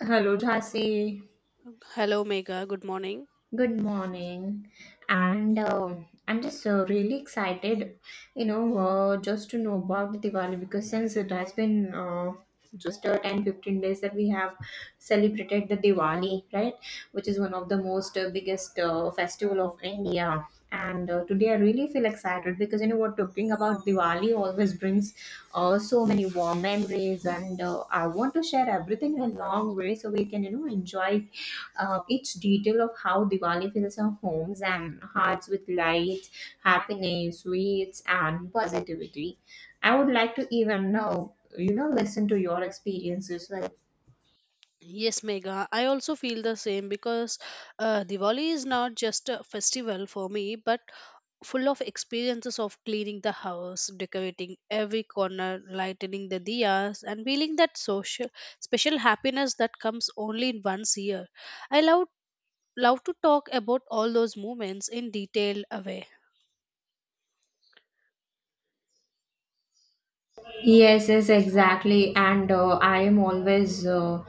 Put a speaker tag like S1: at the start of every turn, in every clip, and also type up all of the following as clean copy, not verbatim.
S1: Hello, Jhansi.
S2: Hello, Mega, good morning.
S1: Good morning. And I'm just really excited, you know, just to know about the Diwali because since it has been just 10 15 days that we have celebrated the Diwali, right? Which is one of the most biggest festival of India. And today I really feel excited because you know what, talking about Diwali always brings so many warm memories, and I want to share everything in a long way so we can enjoy each detail of how Diwali fills our homes and hearts with light, happiness, sweets, and positivity. I would like to even know, listen to your experiences, like.
S2: Yes, Mega, I also feel the same because Diwali is not just a festival for me, but full of experiences of cleaning the house, decorating every corner, lightening the diyas, and feeling that social, special happiness that comes only in once year. I love to talk about all those moments in detailed way.
S1: Yes, yes, exactly. And I am always, uh,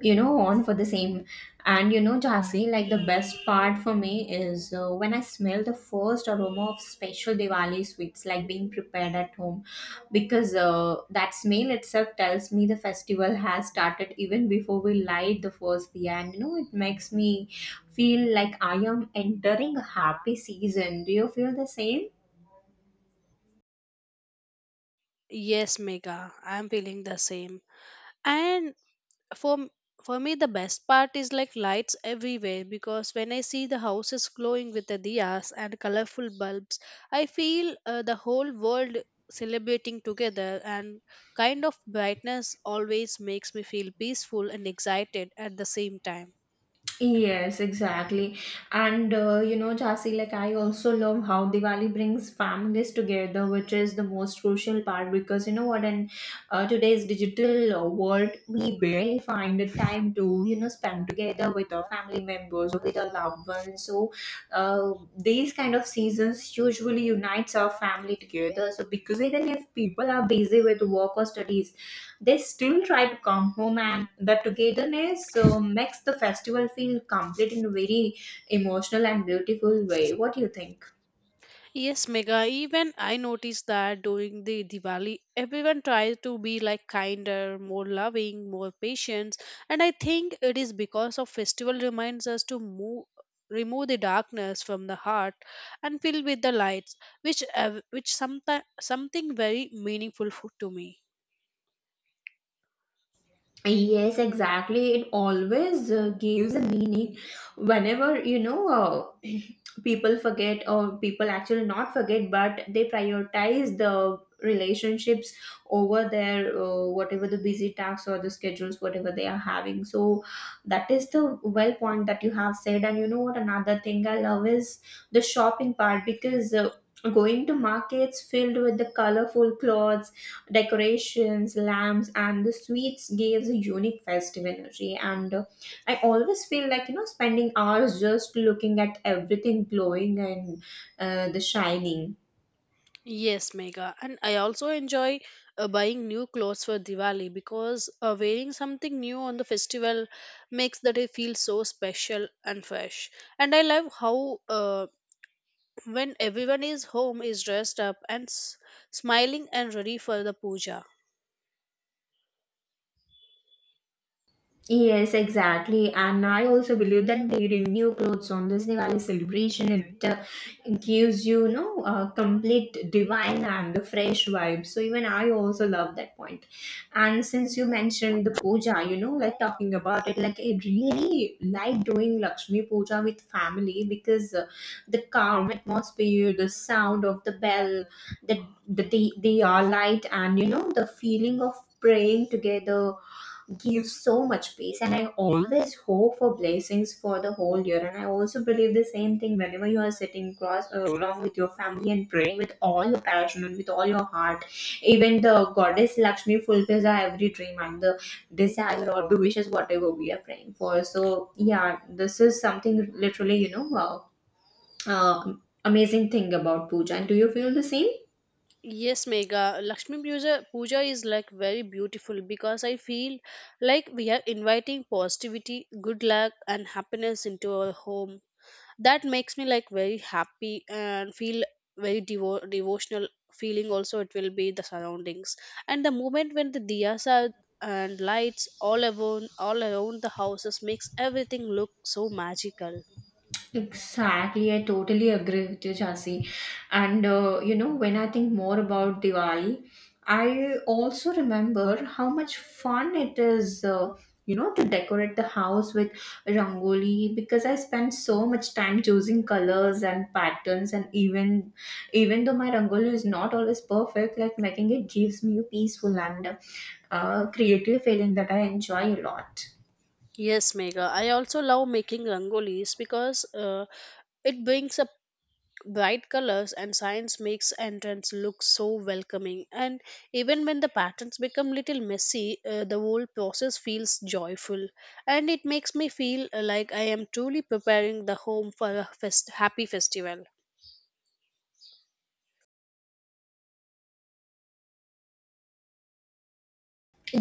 S1: you know, on for the same. And, Jasi, like the best part for me is when I smell the first aroma of special Diwali sweets, like being prepared at home, because that smell itself tells me the festival has started even before we light the first diya. And it makes me feel like I am entering a happy season. Do you feel the same?
S2: Yes, Mega, I am feeling the same. And for for me the best part is like lights everywhere because when I see the houses glowing with the diyas and colorful bulbs, I feel the whole world celebrating together, and kind of brightness always makes me feel peaceful and excited at the same time.
S1: Yes, exactly. And Jasi, like I also love how Diwali brings families together, which is the most crucial part, because you know what, in today's digital world, we barely find the time to, spend together with our family members or with our loved ones. So, these kind of seasons usually unites our family together. So, because even if people are busy with work or studies, they still try to come home, and the togetherness makes the festival feel complete in a very emotional and beautiful way. What do you think?
S2: Yes, Mega, even I noticed that during the Diwali, everyone tries to be like kinder, more loving, more patient. And I think it is because of festival reminds us to move remove the darkness from the heart and fill with the lights, which sometimes something very meaningful to me.
S1: Yes, exactly. It always gives a meaning. Whenever, people forget, or people actually not forget, but they prioritize the relationships over their whatever the busy tasks or the schedules, whatever they are having. So, that is the well point that you have said. And you know what? Another thing I love is the shopping part because going to markets filled with the colorful clothes, decorations, lamps, and the sweets gives a unique festive energy. And I always feel like, spending hours just looking at everything glowing and the shining.
S2: Yes, Mega. And I also enjoy buying new clothes for Diwali because wearing something new on the festival makes the day feel so special and fresh. And I love how when everyone is home is dressed up and smiling and ready for the puja.
S1: Yes, exactly. And I also believe that wearing new clothes on this Diwali celebration, it gives you, a complete divine and the fresh vibe. So even I also love that point. And since you mentioned the puja, like talking about it, like I really like doing Lakshmi puja with family because the calm atmosphere, the sound of the bell, the light, and, the feeling of praying together gives so much peace. And I always hope for blessings for the whole year. And I also believe the same thing. Whenever you are sitting cross along with your family and praying with all your passion and with all your heart, even the goddess Lakshmi fulfills our every dream and the desire or the wishes, whatever we are praying for. So yeah, this is something literally, uh, amazing thing about puja. And do you feel the same?
S2: Yes, Mega. Lakshmi puja is like very beautiful because I feel like we are inviting positivity, good luck, and happiness into our home, that makes me like very happy and feel very devotional feeling. Also it will be the surroundings and the moment when the diyas are and lights all around the houses makes everything look so magical.
S1: Exactly, I totally agree with you, Jhansi. And when I think more about Diwali, I also remember how much fun it is, to decorate the house with rangoli, because I spent so much time choosing colors and patterns, and even though my rangoli is not always perfect, like making it gives me a peaceful and creative feeling that I enjoy a lot.
S2: Yes, Mega, I also love making rangolis because it brings a bright colors and science, makes entrance look so welcoming. And even when the patterns become little messy, the whole process feels joyful, and it makes me feel like I am truly preparing the home for a happy festival.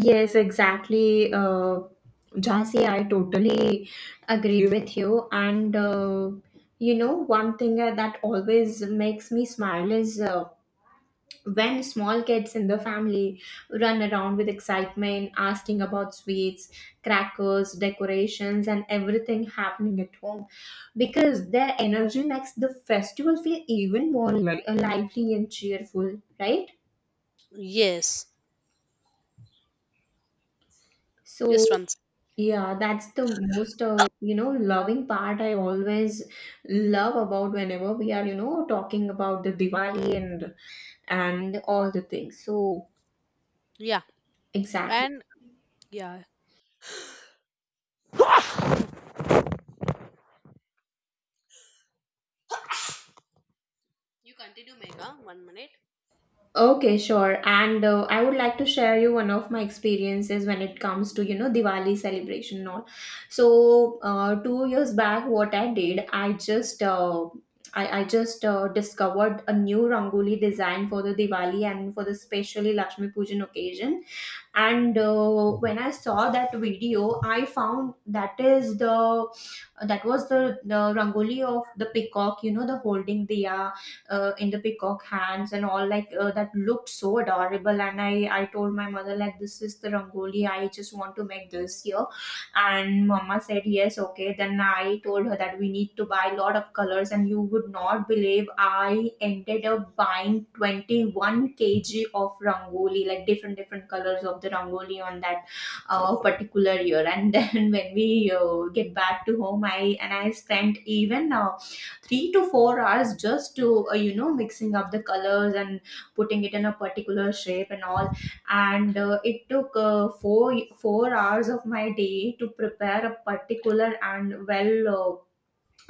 S1: Yes, exactly. Jhansi, I totally agree with you. And one thing that always makes me smile is when small kids in the family run around with excitement, asking about sweets, crackers, decorations, and everything happening at home, because their energy makes the festival feel even more lively and cheerful, right?
S2: Yes,
S1: So,
S2: just once.
S1: yeah, that's the most, loving part I always love about whenever we are, talking about the Diwali and all the things. So,
S2: Yeah.
S1: exactly.
S2: And yeah, you continue, Mega, one minute.
S1: Okay, sure. And I would like to share you one of my experiences when it comes to, Diwali celebration and all. So, 2 years back, what I did, I just discovered a new Rangoli design for the Diwali and for the specially Lakshmi Pujan occasion. And when I saw that video, I found that was the rangoli of the peacock, the holding the in the peacock hands and all, like that looked so adorable. And I told my mother, like, this is the rangoli, I just want to make this here. And mama said yes, okay. Then I told her that we need to buy a lot of colors, and you would not believe, I ended up buying 21 kg of rangoli, like different different colors of the rangoli on that particular year. And then when we get back to home, I and I spent even 3 to 4 hours just to mixing up the colors and putting it in a particular shape and all. And it took four hours of my day to prepare a particular and well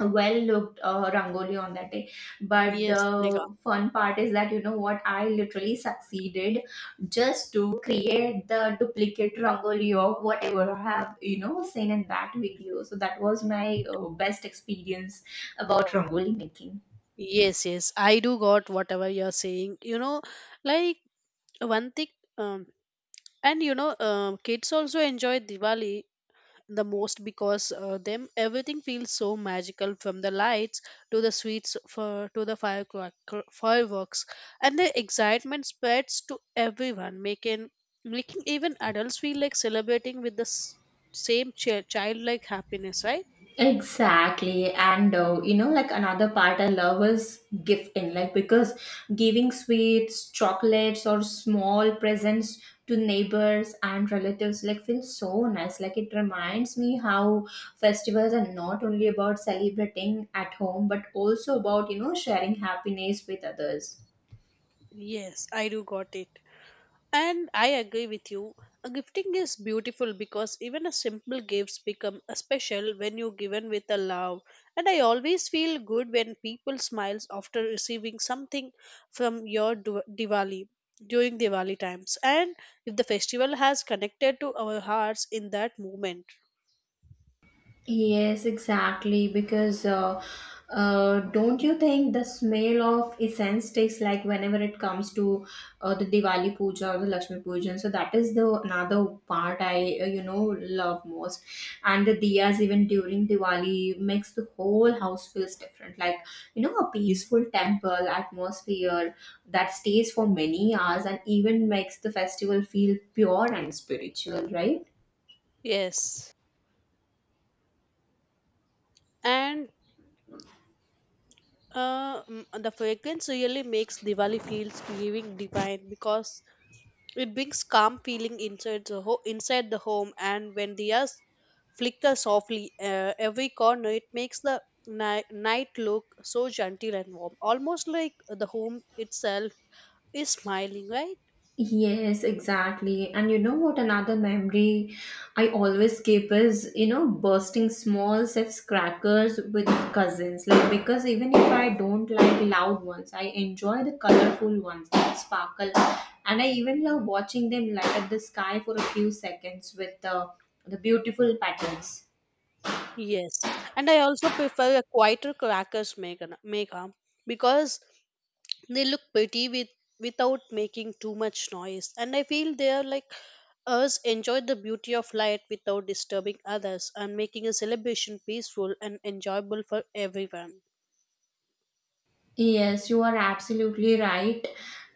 S1: well looked rangoli on that day. But
S2: Yes, Mega.
S1: the fun part is that you know what, I literally succeeded just to create the duplicate rangoli of whatever I have, seen in that video. So that was my best experience about rangoli making.
S2: Yes, yes. I do got whatever you're saying. You know, like one thing, um, and kids also enjoy Diwali the most because them everything feels so magical, from the lights to the sweets, for to the fireworks. And the excitement spreads to everyone, making even adults feel like celebrating with the same childlike happiness, right?
S1: Exactly. And like another part I love is gifting, like, because giving sweets, chocolates, or small presents to neighbors and relatives like feels so nice. Like it reminds me how festivals are not only about celebrating at home, but also about, sharing happiness with others.
S2: Yes, I do got it. And I agree with you. A gifting is beautiful because even a simple gifts become a special when you given with a love. And I always feel good when people smiles after receiving something from your Diwali during Diwali times. And if the festival has connected to our hearts in that moment.
S1: Yes, exactly. Because don't you think the smell of incense sticks, like, whenever it comes to the Diwali puja or the Lakshmi puja? So that is the another part I love most. And the diyas, even during Diwali, makes the whole house feels different. Like, a peaceful temple atmosphere that stays for many hours and even makes the festival feel pure and spiritual, right?
S2: Yes. And the fragrance really makes Diwali feels giving divine because it brings calm feeling inside the inside the home, and when the diyas flicker softly every corner, it makes the night look so gentle and warm, almost like the home itself is smiling, right?
S1: Yes, exactly. And you know what? Another memory I always keep is, bursting small sips crackers with cousins. Like, because even if I don't like loud ones, I enjoy the colorful ones that sparkle. And I even love watching them light up the sky for a few seconds with the beautiful patterns.
S2: Yes, and I also prefer a quieter crackers, Megha, because they look pretty with without making too much noise, and I feel they are like us enjoy the beauty of light without disturbing others and making a celebration peaceful and enjoyable for everyone.
S1: Yes, you are absolutely right.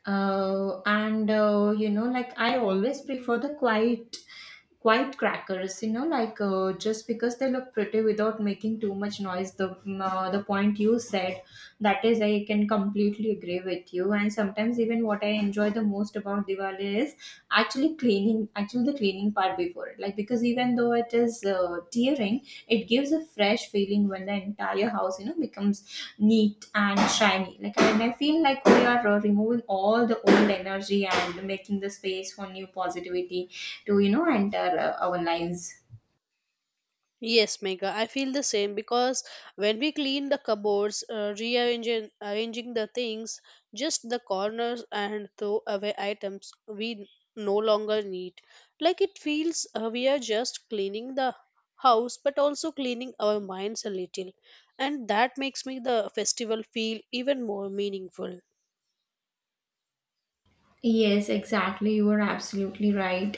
S1: And like I always prefer the quiet crackers. Like just because they look pretty without making too much noise. The point you said, that is, I can completely agree with you. And sometimes, even what I enjoy the most about Diwali is actually cleaning, actually the cleaning part before it. Like, because even though it is tearing, it gives a fresh feeling when the entire house, becomes neat and shiny, like, and I feel like we are removing all the old energy and making the space for new positivity to, enter our lives.
S2: Yes, Mega, I feel the same because when we clean the cupboards, rearranging arranging the things, just the corners and throw away items we no longer need. Like it feels we are just cleaning the house but also cleaning our minds a little. And that makes me the festival feel even more meaningful.
S1: Yes, exactly, you are absolutely right.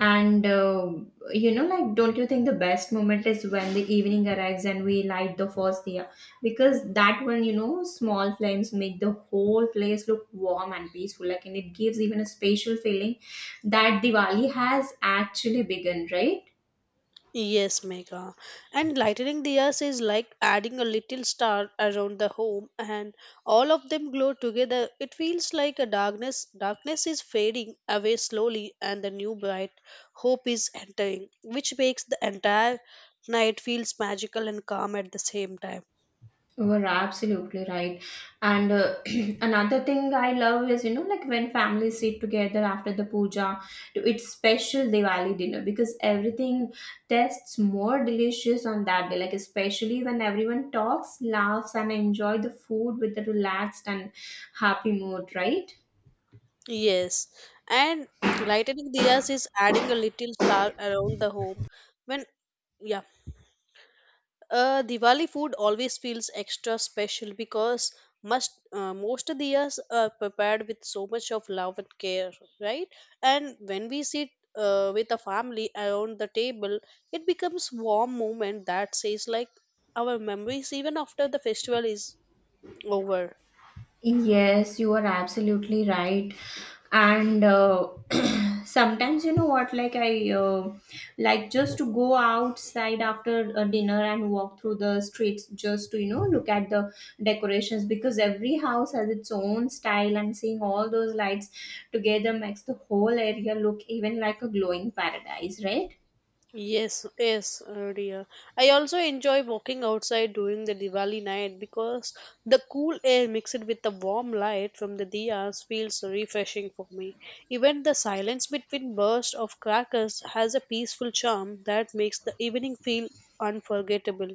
S1: And like, don't you think the best moment is when the evening arrives and we light the first diya, because that one, small flames make the whole place look warm and peaceful, like, and it gives even a spatial feeling that Diwali has actually begun, right?
S2: Yes, Megha. And lightning diyas is like adding a little star around the home, and all of them glow together. It feels like a darkness. Darkness is fading away slowly, and the new bright hope is entering, which makes the entire night feels magical and calm at the same time.
S1: You are absolutely right. And another thing I love is, like when families sit together after the puja to eat special Diwali dinner, because everything tastes more delicious on that day. Like, especially when everyone talks, laughs, and enjoy the food with a relaxed and happy mood, right?
S2: Yes, and lightning diyas is adding a little star around the home. When yeah, Diwali food always feels extra special because must most of the years are prepared with so much of love and care, right? And when we sit with a family around the table, it becomes warm moment that says like our memories even after the festival is over.
S1: Yes, you are absolutely right. And sometimes, you know what, like I like just to go outside after a dinner and walk through the streets just to, look at the decorations, because every house has its own style and seeing all those lights together makes the whole area look even like a glowing paradise, right?
S2: Yes, yes, oh dear. I also enjoy walking outside during the Diwali night because the cool air mixed with the warm light from the diyas feels refreshing for me. Even the silence between bursts of crackers has a peaceful charm that makes the evening feel unforgettable.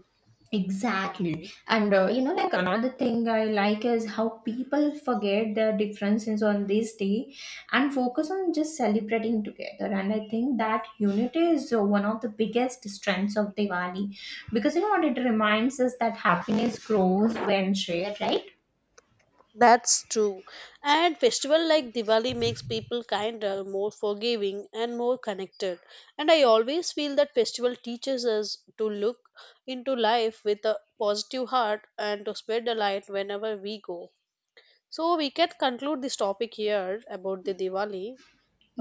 S1: Exactly. And like another thing I like is how people forget their differences on this day and focus on just celebrating together. And I think that unity is one of the biggest strengths of Diwali, because you know what, it reminds us that happiness grows when shared, right?
S2: That's true. And festival like Diwali makes people kinder, more forgiving and more connected. And I always feel that festival teaches us to look into life with a positive heart and to spread the light whenever we go. So we can conclude this topic here about the Diwali.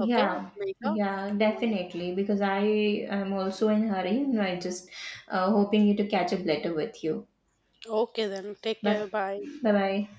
S2: Okay, Megha?
S1: yeah,
S2: Yeah.
S1: definitely. Because I am also in hurry, and I just hoping you to catch up later with you.
S2: Okay then. Take
S1: Bye
S2: care. Bye.
S1: bye. Bye.